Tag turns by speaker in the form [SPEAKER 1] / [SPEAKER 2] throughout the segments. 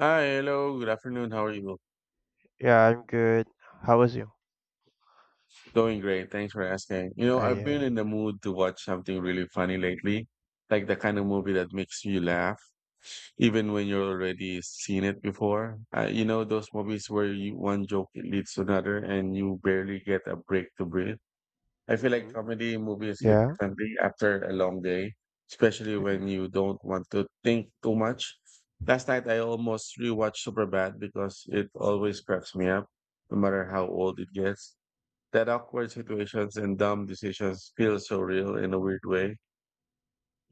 [SPEAKER 1] Hi, hello, good afternoon. How are you?
[SPEAKER 2] Yeah, I'm good. How was you?
[SPEAKER 1] Doing great. Thanks for asking. You know, I've
[SPEAKER 2] I
[SPEAKER 1] been in the mood to watch something really funny lately, like the kind of movie that makes you laugh, even when you've already seen it before. Those movies where you, one joke leads to another and you barely get a break to breathe. I feel like
[SPEAKER 2] Mm-hmm.
[SPEAKER 1] comedy movies hit
[SPEAKER 2] yeah,
[SPEAKER 1] differently after a long day, especially when you don't want to think too much. Last night I almost rewatched Superbad because it always cracks me up, no matter how old it gets. That awkward situations and dumb decisions feel so real in a weird way.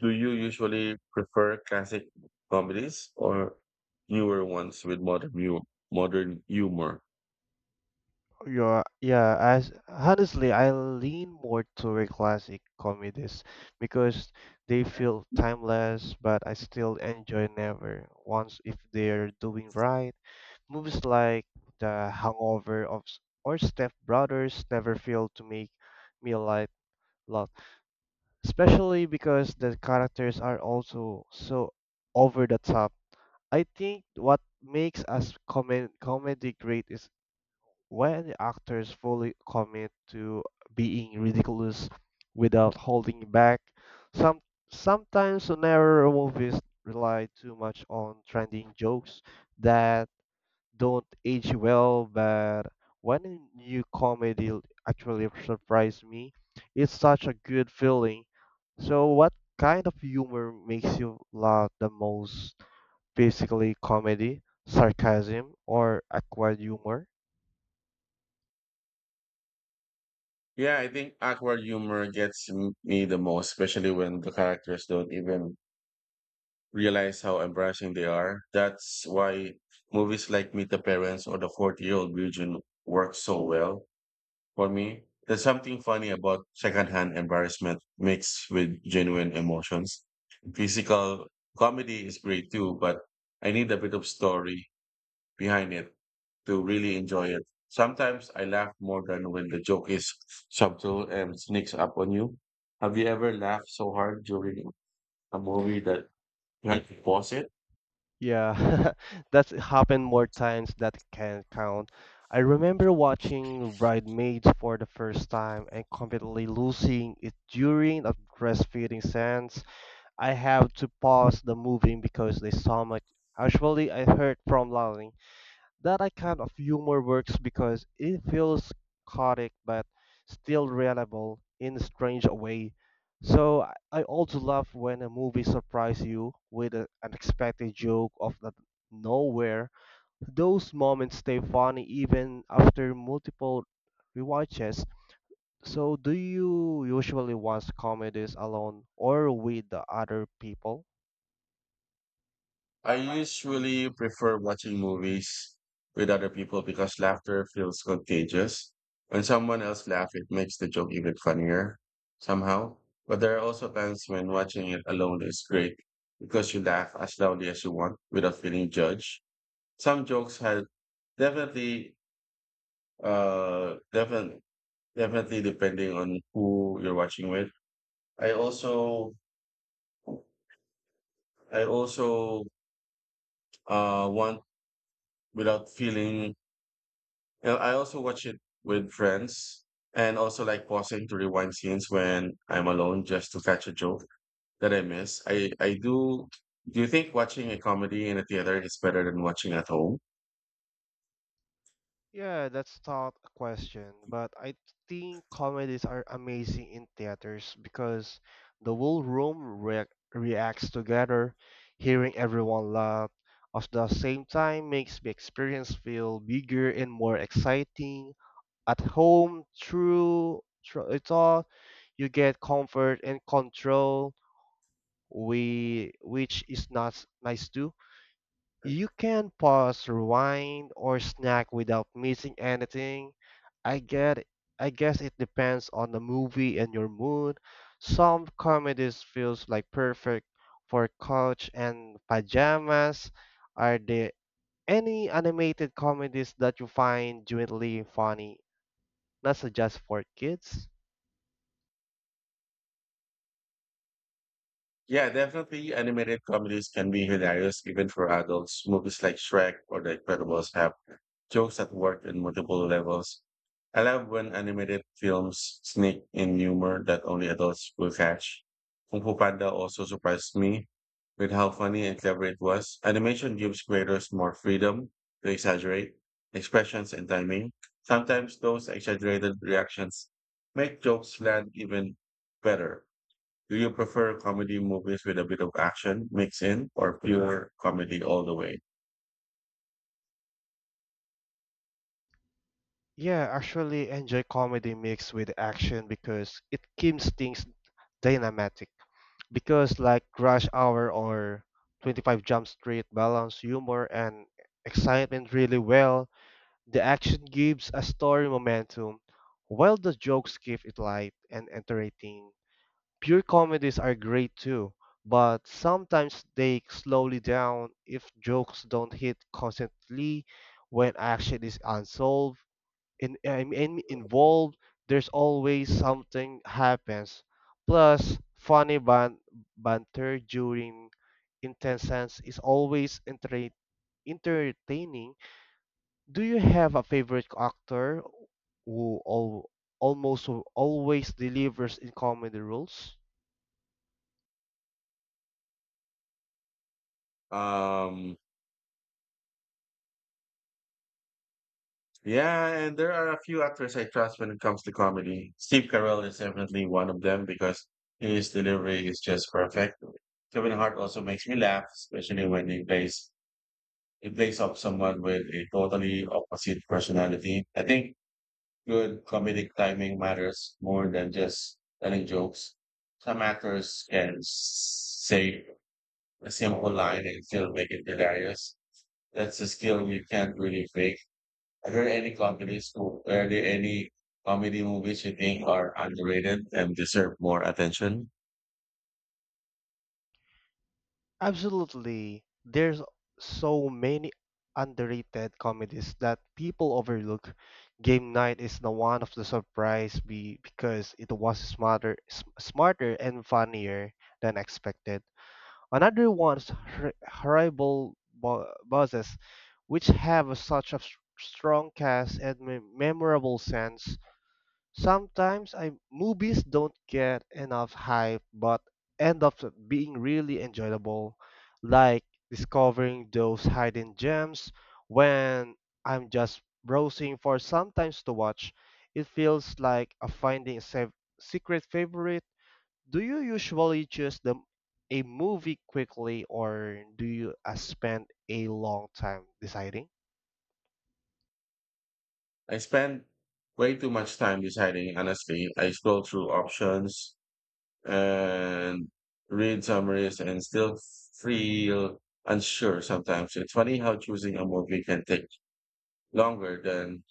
[SPEAKER 1] Do you usually prefer classic comedies or newer ones with modern humor?
[SPEAKER 2] yeah, yeah. As honestly, I lean more toward classic comedies because they feel timeless, but I still enjoy never once if they're doing right. Movies like The Hangover or Step Brothers never fail to make me laugh lot, especially because the characters are also so over the top. I think what makes us comedy great is when the actors fully commit to being ridiculous without holding back. Some sometimes newer movies rely too much on trending jokes that don't age well, but when a new comedy actually surprised me, it's such a good feeling. So what kind of humor makes you laugh the most? Basically comedy, sarcasm, or acquired humor.
[SPEAKER 1] Yeah, I think awkward humor gets me the most, especially when the characters don't even realize how embarrassing they are. That's why movies like Meet the Parents or The 40 Year Old Virgin work so well for me. There's something funny about secondhand embarrassment mixed with genuine emotions. Physical comedy is great too, but I need a bit of story behind it to really enjoy it. Sometimes I laugh more than when the joke is subtle and sneaks up on you. Have you ever laughed so hard during a movie that you had to pause it?
[SPEAKER 2] Yeah, that's happened more times that can count. I remember watching Bridesmaids for the first time and completely losing it during a breastfeeding sense. I have to pause the movie because there's so much. Actually, I heard from Lali that I kind of humor works because it feels chaotic but still reliable in a strange way. So I also love when a movie surprises you with an unexpected joke of the nowhere. Those moments stay funny even after multiple rewatches. So do you usually watch comedies alone or with the other people?
[SPEAKER 1] I usually prefer watching movies with other people because laughter feels contagious. When someone else laughs, it makes the joke even funnier somehow. But there are also times when watching it alone is great because you laugh as loudly as you want without feeling judged. Some jokes have definitely, uh, definitely, definitely depending on who you're watching with. I also, I also, want without feeling I also watch it with friends and also like pausing to rewind scenes when I'm alone just to catch a joke that I miss. I do. Do you think watching a comedy in a theater is better than watching at home?
[SPEAKER 2] Yeah, that's not a question, but I think comedies are amazing in theaters because the whole room reac reacts together, hearing everyone laugh at the same time makes the experience feel bigger and more exciting. At home, through it all, you get comfort and control, which is not nice too. You can pause, rewind, or snack without missing anything. I get I guess it depends on the movie and your mood. Some comedies feels like perfect for couch and pajamas. Are there any animated comedies that you find genuinely funny, not so just for kids?
[SPEAKER 1] Yeah, definitely. Animated comedies can be hilarious even for adults. Movies like Shrek or The Incredibles have jokes that work in multiple levels. I love when animated films sneak in humor that only adults will catch. Kung Fu Panda also surprised me with how funny and clever it was. Animation gives creators more freedom to exaggerate expressions and timing. Sometimes those exaggerated reactions make jokes land even better. Do you prefer comedy movies with a bit of action mixed in or pure comedy all the way?
[SPEAKER 2] Yeah, actually enjoy comedy mixed with action because it keeps things dynamic. Because like rush hour or 25 jump street balance humor and excitement really well. The action gives a story momentum while the jokes keep it light and entertaining. Pure comedies are great too, but sometimes they slowly down if jokes don't hit constantly. When action is unsolved in, I'm in involved, there's always something happens. Plus, funny banter during intense scenes is always entertaining. Do you have a favorite actor who almost always delivers in comedy roles?
[SPEAKER 1] Um, yeah, and there are a few actors I trust when it comes to comedy. Steve Carell is definitely one of them because his delivery is just perfect. Kevin Hart also makes me laugh, especially when he plays off someone with a totally opposite personality. I think good comedic timing matters more than just telling jokes. Some actors can say a simple line and still make it hilarious. That's a skill you can't really fake. Are there any comedy movies you think are underrated and deserve more attention?
[SPEAKER 2] Absolutely. There's so many underrated comedies that people overlook. Game Night is the one of the surprise be because it was smarter and funnier than expected. Another one's Horrible Bosses, which have a such a strong cast and memorable scenes. Sometimes I movies don't get enough hype but end up being really enjoyable, like discovering those hidden gems when I'm just browsing for sometimes to watch. It feels like a finding a secret favorite. Do you usually choose the a movie quickly or do you spend a long time deciding?
[SPEAKER 1] I spend way too much time deciding, honestly. I scroll through options and read summaries and still feel unsure sometimes. It's funny how choosing a movie can take longer than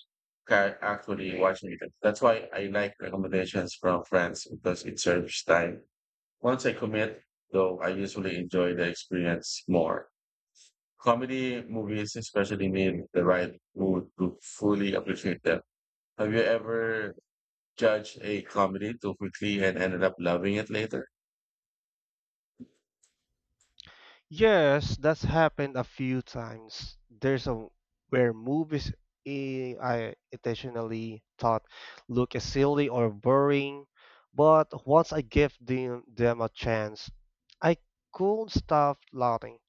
[SPEAKER 1] actually watching it. That's why I like recommendations from friends because it serves time. Once I commit, though, I usually enjoy the experience more. Comedy movies especially need the right mood to fully appreciate them. Have you ever judged a comedy too quickly and ended up loving it later?
[SPEAKER 2] Yes, that's happened a few times. There's a where movies I intentionally thought look silly or boring, but once I gave them a chance, I couldn't stop laughing.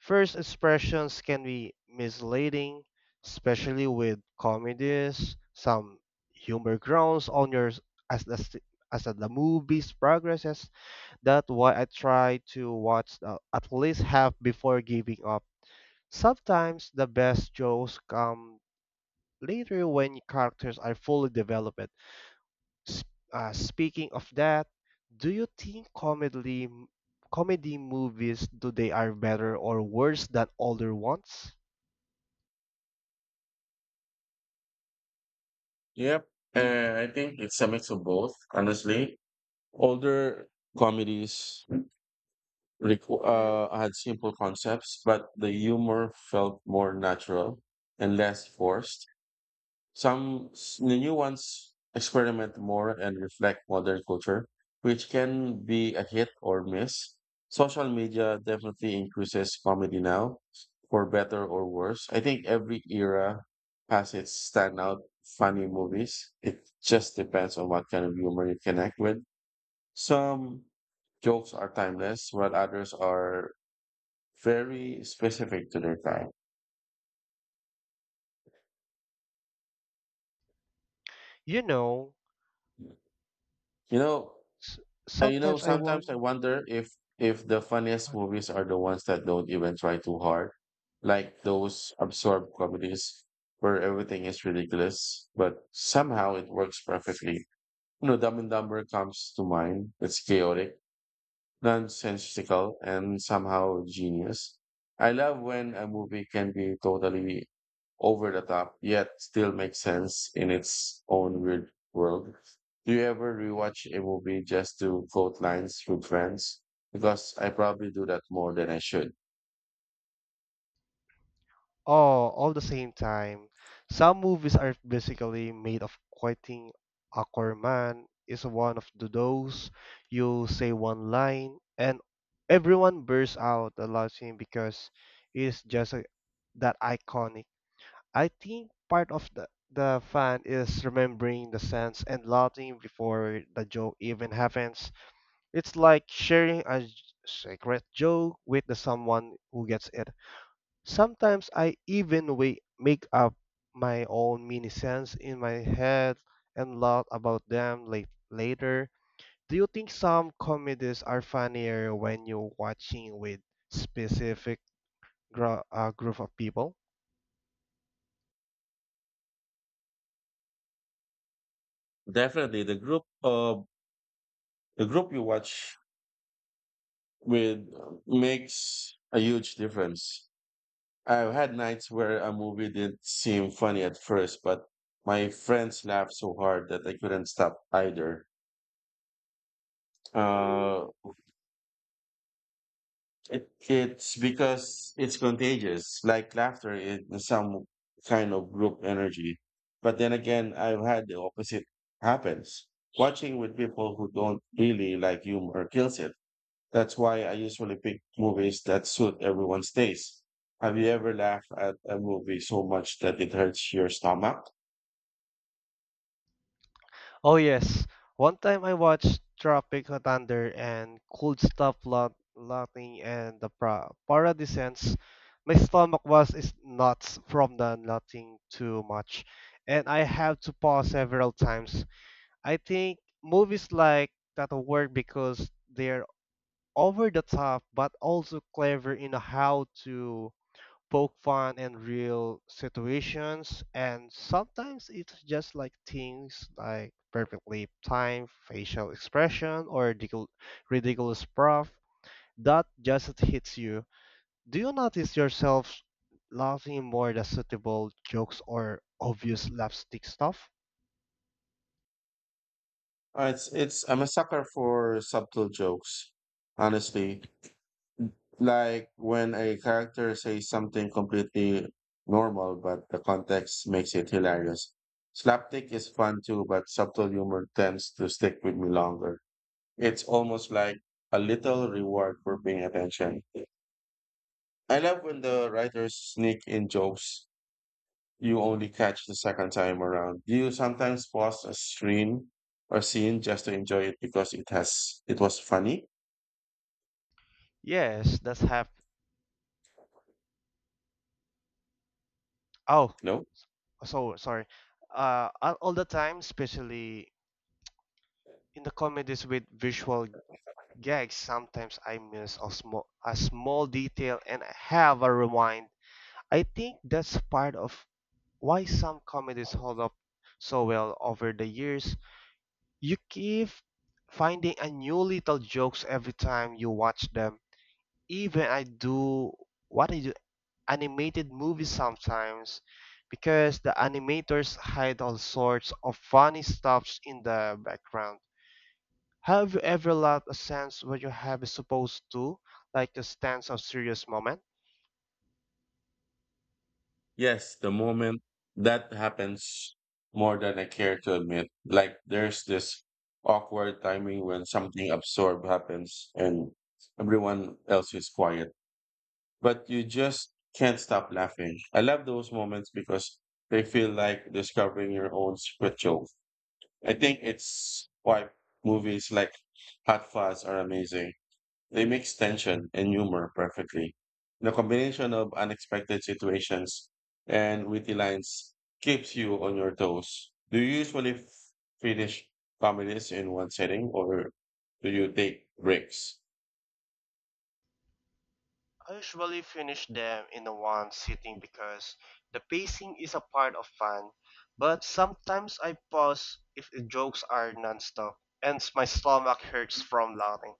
[SPEAKER 2] First expressions can be misleading, especially with comedies. Some humor grounds on your as the s- as the movie's progresses. That's why I try to watch at least half before giving up. Sometimes the best jokes come later when characters are fully developed. S- Speaking of that, do you think comedy movies today are better or worse than older ones?
[SPEAKER 1] Yep. And I think it's a mix of both, honestly. Older comedies had simple concepts, but the humor felt more natural and less forced. The new ones experiment more and reflect modern culture, which can be a hit or miss. Social media definitely increases comedy now, for better or worse. I think every era has its standout funny movies. It just depends on what kind of humor you connect with. Some jokes are timeless, while others are very specific to their time.
[SPEAKER 2] You know,
[SPEAKER 1] You know,
[SPEAKER 2] s- sometimes I
[SPEAKER 1] Sometimes I
[SPEAKER 2] wonder.
[SPEAKER 1] wonder if the funniest movies are the ones that don't even try too hard, like those absurd comedies where everything is ridiculous, but somehow it works perfectly. You know, Dumb and Dumber comes to mind. It's chaotic, nonsensical and somehow genius. I love when a movie can be totally over the top, yet still makes sense in its own weird world. Do you ever rewatch a movie just to quote lines with friends? Because I probably do that more than I should.
[SPEAKER 2] All the same time. Some movies are basically made of quoting. Aquaman is one of the those. You say one line and everyone bursts out laughing because it's just a, that iconic. I think part of the fan is remembering the sense and laughing before the joke even happens. It's like sharing a secret joke with the someone who gets it. Sometimes I even make up my own mini sense in my head and laugh about them later. Do you think some comedies are funnier when you're watching with specific group of people?
[SPEAKER 1] Definitely, the group you watch with makes a huge difference. I've had nights where a movie didn't seem funny at first, but my friends laughed so hard that I couldn't stop either. Uh, it's because it's contagious, like laughter is some kind of group energy. But then again, I've had the opposite happens. Watching with people who don't really like humor kills it. That's why I usually pick movies that suit everyone's taste. Have you ever laughed at a movie so much that it hurts your stomach?
[SPEAKER 2] Oh yes, one time I watched Tropic Thunder and *Cold Stuff lot laughing and the para descents. My stomach was is nuts from the nothing too much, and I had to pause several times. I think movies like that work because they're over the top but also clever in how to poke fun in real situations. And sometimes it's just like things like perfectly timed facial expression or ridiculous prof that just hits you. Do you notice yourself laughing more at suitable jokes or obvious slapstick stuff?
[SPEAKER 1] It's I'm a sucker for subtle jokes, honestly. Like when a character says something completely normal, but the context makes it hilarious. Slapstick is fun too, but subtle humor tends to stick with me longer. It's almost like a little reward for paying attention. I love when the writers sneak in jokes you only catch the second time around. Do you sometimes pause a stream or scene just to enjoy it because it has it was funny?
[SPEAKER 2] Yes that's hap oh
[SPEAKER 1] No.
[SPEAKER 2] so sorry All the time, especially in the comedies with visual. Yikes, sometimes I miss a small detail and I have a rewind. I think that's part of why some comedies hold up so well over the years. You keep finding a new little jokes every time you watch them. Even I do what I do animated movies sometimes because the animators hide all sorts of funny stuffs in the background. Have you ever lost a sense where you have is supposed to, like a stanza of serious moment?
[SPEAKER 1] Yes, the moment that happens more than I care to admit. Like there's this awkward timing when something absurd happens and everyone else is quiet. But you just can't stop laughing. I love those moments because they feel like discovering your own secret. I think it's why movies like Hot Fuzz are amazing. They mix tension and humor perfectly. The combination of unexpected situations and witty lines keeps you on your toes. Do you usually finish comedies in one sitting or do you take breaks?
[SPEAKER 2] I usually finish them in a one sitting because the pacing is a part of fun, but sometimes I pause if the jokes are nonstop, and my stomach hurts from laughing.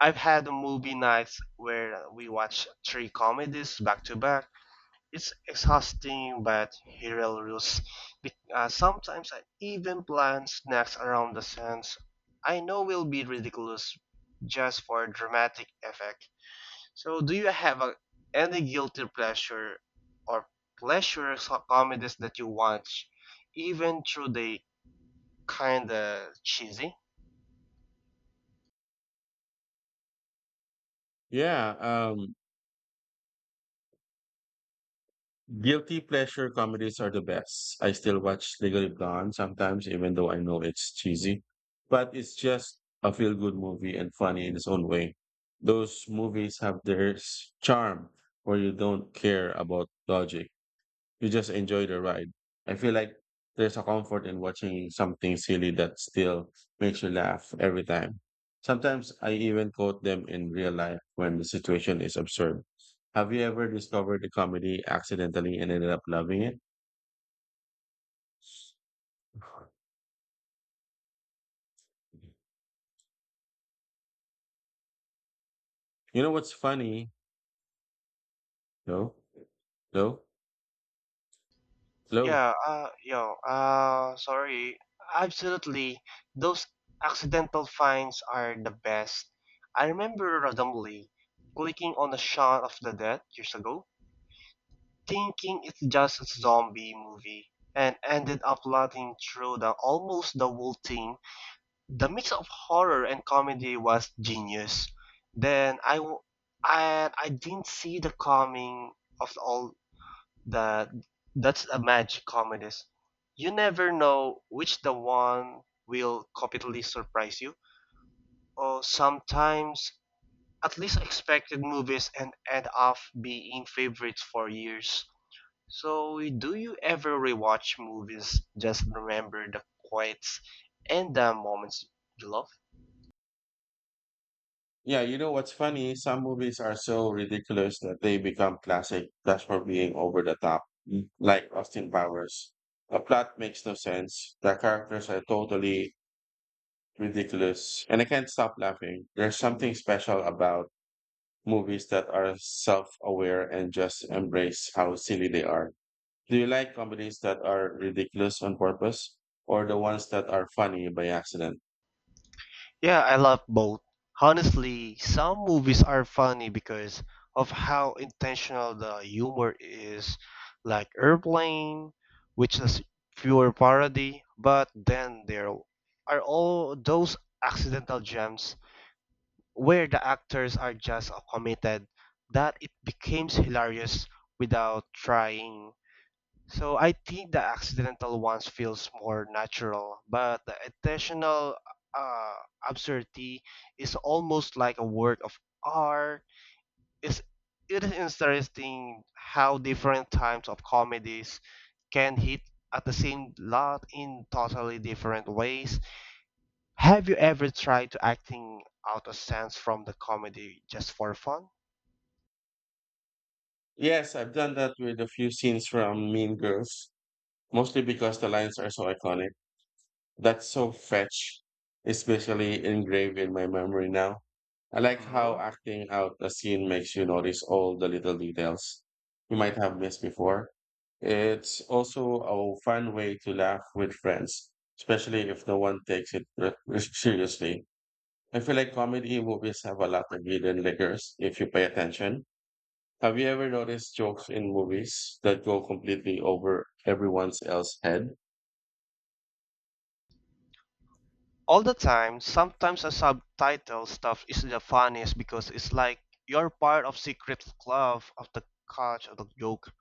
[SPEAKER 2] I've had movie nights where we watch three comedies back to back. It's exhausting, but hilarious. Sometimes I even plan snacks around the sense I know will be ridiculous just for dramatic effect. So, do you have any guilty pleasure or pleasure comedies that you watch, even through they kinda cheesy?
[SPEAKER 1] Yeah. Guilty pleasure comedies are the best. I still watch Legally Blonde sometimes, even though I know it's cheesy, but it's just a feel good movie and funny in its own way. Those movies have their charm where you don't care about logic. You just enjoy the ride. I feel like there's a comfort in watching something silly that still makes you laugh every time. Sometimes I even quote them in real life when the situation is absurd. Have you ever discovered a comedy accidentally and ended up loving it? You know what's funny? No, no, no.
[SPEAKER 2] Yeah, yo, sorry. Absolutely. Those accidental finds are the best. I remember randomly clicking on a shot of the dead years ago, thinking it's just a zombie movie, and ended up laughing through the almost the whole thing. The mix of horror and comedy was genius. Then I, w- and I didn't see the coming of all that. That's a magic comedies. You never know which the one will completely surprise you. Or sometimes at least expected movies and end up being favorites for years. So do you ever rewatch movies just remember the quotes and the moments you love?
[SPEAKER 1] Yeah, you know what's funny? Some movies are so ridiculous that they become classic just for being over the top, Mm. like Austin Powers. The plot makes no sense. The characters are totally ridiculous, and I can't stop laughing. There's something special about movies that are self-aware and just embrace how silly they are. Do you like comedies that are ridiculous on purpose, or the ones that are funny by accident?
[SPEAKER 2] Yeah, I love both. Honestly, some movies are funny because of how intentional the humor is, like Airplane, which is pure parody, but then there are all those accidental gems where the actors are just so committed that it becomes hilarious without trying. So I think the accidental ones feels more natural, but the intentional uh, absurdity is almost like a work of art. It's, it is interesting how different types of comedies can hit at the same lot in totally different ways. Have you ever tried to acting out a sense from the comedy just for fun?
[SPEAKER 1] Yes, I've done that with a few scenes from Mean Girls, mostly because the lines are so iconic. That's so fetch, especially engraved in my memory now. I like how
[SPEAKER 2] Mhm.
[SPEAKER 1] acting out a scene makes you notice all the little details you might have missed before. It's also a fun way to laugh with friends, especially if no one takes it seriously. I feel like comedy movies have a lot of hidden layers if you pay attention. Have you ever noticed jokes in movies that go completely over everyone else's head?
[SPEAKER 2] All the time, sometimes a subtitle stuff is the funniest because it's like you're part of secret club of the catch of the joke.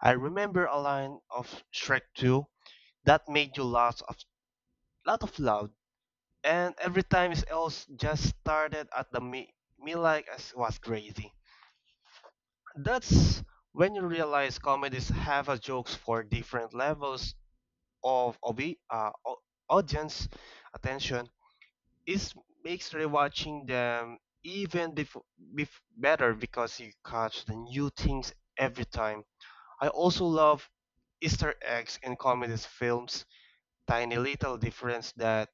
[SPEAKER 2] I remember a line of Shrek 2 that made you lots of lot of loud, and every time else just started at me like I was crazy. That's when you realize comedies have a jokes for different levels of au- audience attention. It makes rewatching them even better because you catch the new things every time. I also love Easter eggs in comedies films tiny little difference that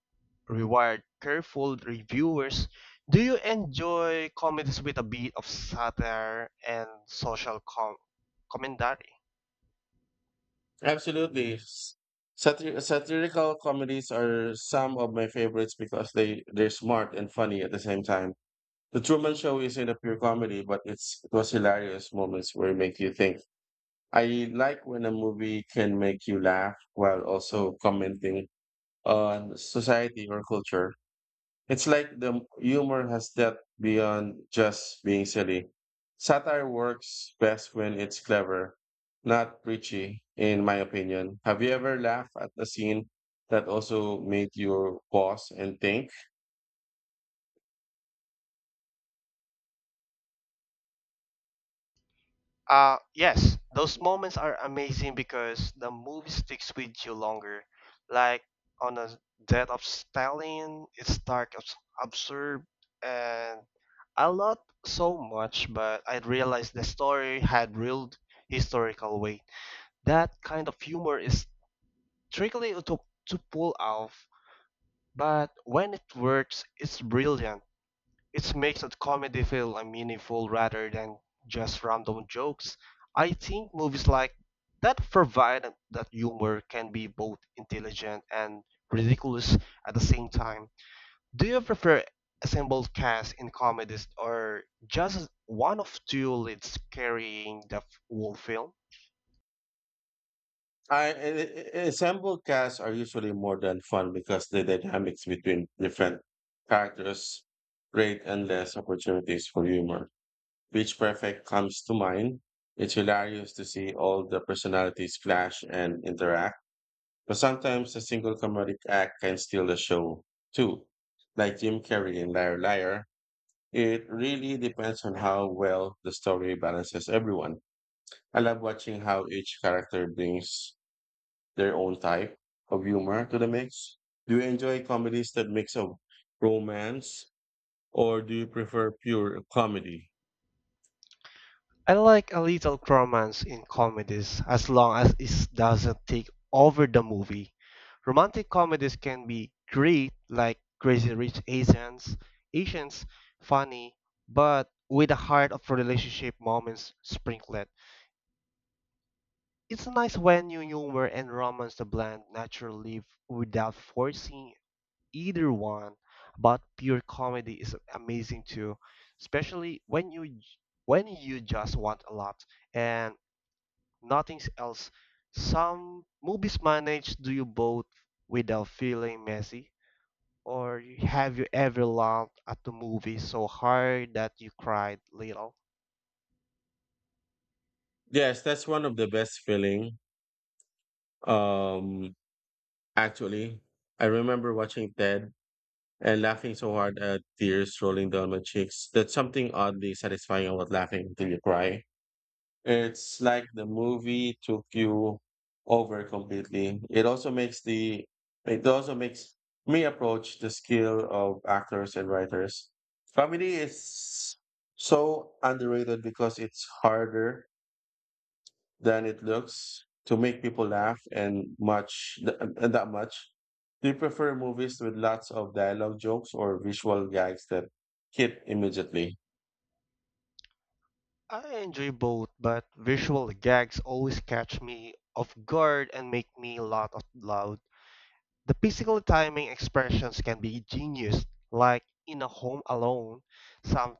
[SPEAKER 2] reward careful reviewers. Do you enjoy comedies with a bit of satire and social commentary?
[SPEAKER 1] Absolutely. Satirical comedies are some of my favorites because they're smart and funny at the same time. The Truman Show isn't a pure comedy, but it was hilarious moments where it make you think. I like when a movie can make you laugh while also commenting on society or culture. It's like the humor has depth beyond just being silly. Satire works best when it's clever, not preachy, in my opinion. Have you ever laughed at a scene that also made you pause and think?
[SPEAKER 2] Yes, those moments are amazing because the movie sticks with you longer. Like on the death of Stalin, it's dark, absurd, and I loved so much, but I realized the story had real historical weight. That kind of humor is tricky to pull off, but when it works, it's brilliant. It makes a comedy feel meaningful rather than just random jokes. I think movies like that provide that humor can be both intelligent and ridiculous at the same time. Do you prefer assembled cast in comedies or just one of two leads carrying the whole film?
[SPEAKER 1] Ensemble casts are usually more than fun because the dynamics between different characters create endless opportunities for humor. Pitch Perfect comes to mind. It's hilarious to see all the personalities clash and interact, but sometimes a single comedic act can steal the show too. Like Jim Carrey in Liar Liar, it really depends on how well the story balances everyone. I love watching how each character brings their own type of humor to the mix. Do you enjoy comedies that mix of romance or do you prefer pure comedy?
[SPEAKER 2] I like a little romance in comedies as long as it doesn't take over the movie. Romantic comedies can be great, like Crazy Rich Asians, funny, but with a heart of relationship moments sprinkled. It's nice when new humor and romance the blend naturally without forcing either one. But pure comedy is amazing too, especially when you just want a lot and nothing else. Some movies manage do you both without feeling messy, or have you ever laughed at the movie so hard that you cried little?
[SPEAKER 1] Yes, that's one of the best feeling. Um, Actually, I remember watching Ted and laughing so hard at tears rolling down my cheeks. That's something oddly satisfying about laughing until you cry. It's like the movie took you over completely. It also makes me approach the skill of actors and writers. Comedy is so underrated because it's harder than it looks to make people laugh and much th- and that much. Do you prefer movies with lots of dialogue jokes or visual gags that hit immediately?
[SPEAKER 2] I enjoy both, but visual gags always catch me off guard and make me laugh out loud. The physical timing expressions can be genius, like in a home alone, some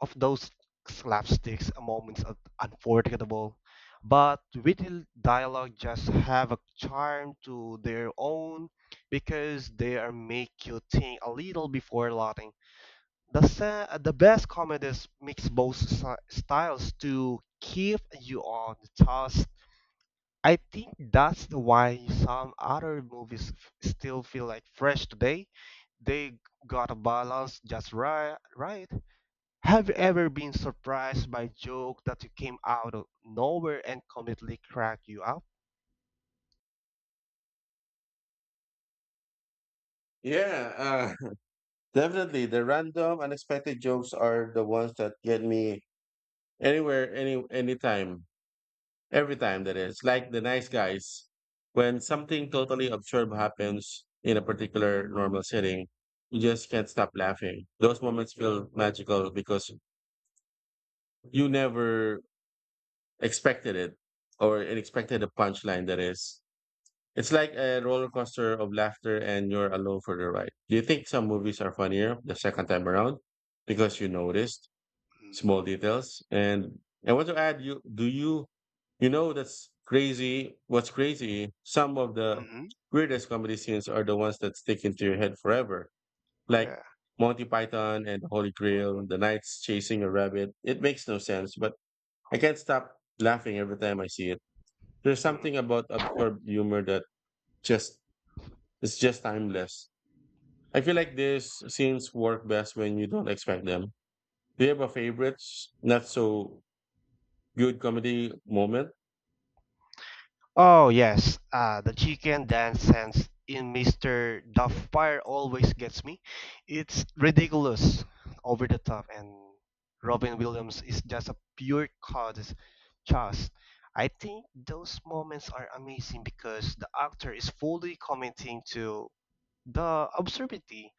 [SPEAKER 2] of those slapsticks moments are unforgettable, but witty dialogue just have a charm to their own because they are make you think a little before laughing. The best comedies mix both styles to keep you on the task. I think that's why some other movies still feel like fresh today. They got a balance just right, right. Have you ever been surprised by joke that you came out of nowhere and completely cracked you up?
[SPEAKER 1] Yeah, uh, Definitely, the random, unexpected jokes are the ones that get me anywhere, anytime, every time. That is like the nice guys. When something totally absurd happens in a particular normal setting, you just can't stop laughing. Those moments feel magical because you never expected it or it expected a punchline that is it's like a roller coaster of laughter and you're alone for the ride. Do you think some movies are funnier the second time around because you noticed
[SPEAKER 2] Mm-hmm.
[SPEAKER 1] small details? And I want to add you do you you know That's crazy. Some of the
[SPEAKER 2] Mm-hmm.
[SPEAKER 1] weirdest comedy scenes are the ones that stick into your head forever. Like
[SPEAKER 2] Yeah.
[SPEAKER 1] Monty Python and the Holy
[SPEAKER 2] Mm-hmm.
[SPEAKER 1] Grail, the knights chasing a rabbit. It makes no sense, but I can't stop laughing every time I see it. There's
[SPEAKER 2] Mm-hmm.
[SPEAKER 1] something about absurd humor that just it's just timeless. I feel like these scenes work best when you don't expect them. Do you have a favorite, not so good comedy moment?
[SPEAKER 2] Oh yes, the chicken dance hands in Mr. Dufffire always gets me. It's ridiculous, over the top, and Robin Williams is just a pure cause. Just, I think those moments are amazing because the actor is fully committing to the absurdity.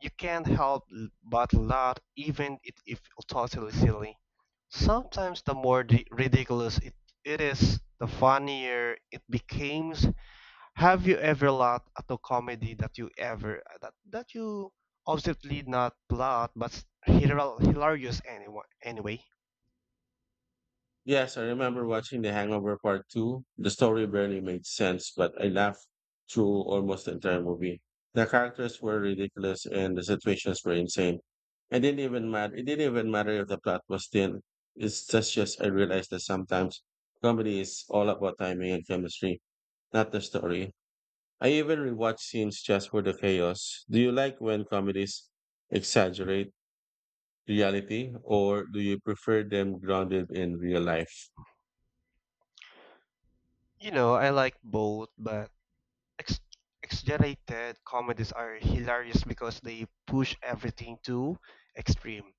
[SPEAKER 2] You can't help but laugh even if totally silly. Sometimes the more ridiculous it is, the funnier it becomes. Have you ever laughed at a comedy that you obviously not laugh but hilarious anyway? Anyway,
[SPEAKER 1] Yes, I remember watching The Hangover Part 2. The story barely made sense, but I laughed through almost the entire movie. The characters were ridiculous and the situations were insane. It didn't even matter if the plot was thin. Just I realized that sometimes comedy is all about timing and chemistry, not the story. I even rewatch scenes just for the chaos. Do you like when comedies exaggerate reality, or do you prefer them grounded in real life?
[SPEAKER 2] you know I like both, but ex- exaggerated comedies are hilarious because they push everything to extreme.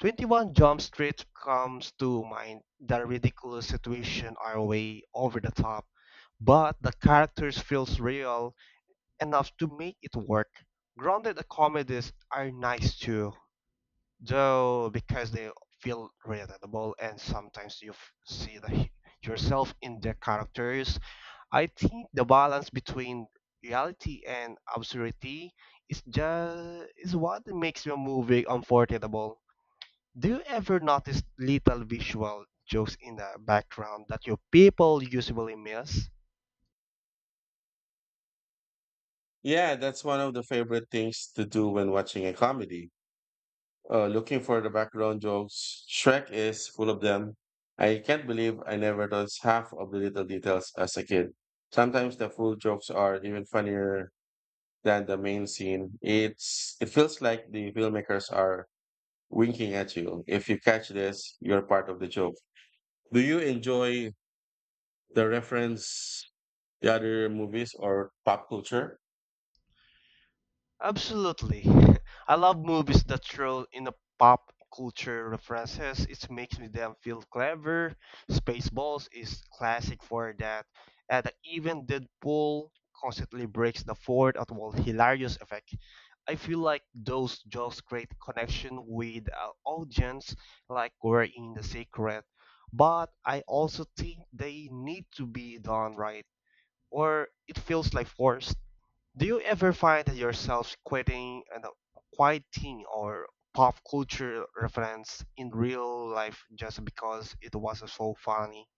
[SPEAKER 2] 21 Jump Street comes to mind the ridiculous situation are way over the top, but the characters feels real enough to make it work. Grounded comedies are nice too, though because they feel relatable and sometimes you yourself in the characters. I think the balance between reality and absurdity is what makes your movie unforgettable. Do you ever notice little visual jokes in the background that your people usually miss?
[SPEAKER 1] Yeah, that's one of the favorite things to do when watching a comedy. Looking for the background jokes. Shrek is full of them. I can't believe I never noticed half of the little details as a kid. Sometimes the full jokes are even funnier than the main scene. It's it feels like the filmmakers are winking at you. If you catch this, you're part of the joke. Do you enjoy the reference the other movies or pop culture?
[SPEAKER 2] Absolutely. I love movies that throw in a pop culture references. It makes me them feel clever. Spaceballs is classic for that. And even Deadpool constantly breaks the fourth at one hilarious effect. I feel like those jokes create connection with our audience like we're in the secret. But I also think they need to be done right or it feels like force. Do you ever find yourself quoting or pop culture reference in real life just because it was so funny?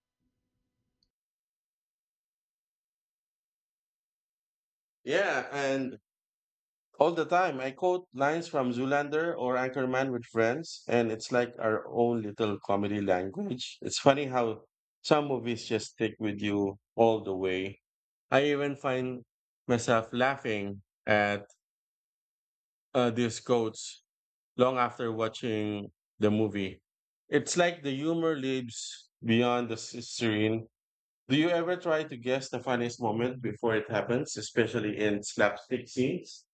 [SPEAKER 1] Yeah, and All the time. I quote lines from Zoolander or Anchorman with friends, and it's like our own little comedy language. It's funny how some movies just stick with you all the way. I even find myself laughing at these quotes long after watching the movie. It's like the humor lives beyond the screen. Do you ever try to guess the funniest moment before it happens, especially in slapstick scenes?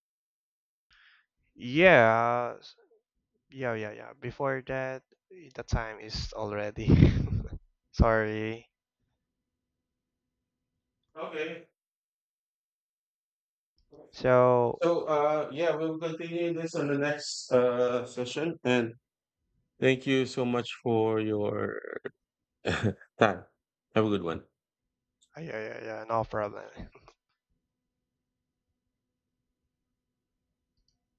[SPEAKER 2] Yeah, yeah, yeah, yeah. Before that, the time is already. Sorry.
[SPEAKER 1] Okay.
[SPEAKER 2] So,
[SPEAKER 1] So, yeah, we'll continue this on the next session. And thank you so much for your time. Have a good one.
[SPEAKER 2] yeah, yeah, yeah, no problem.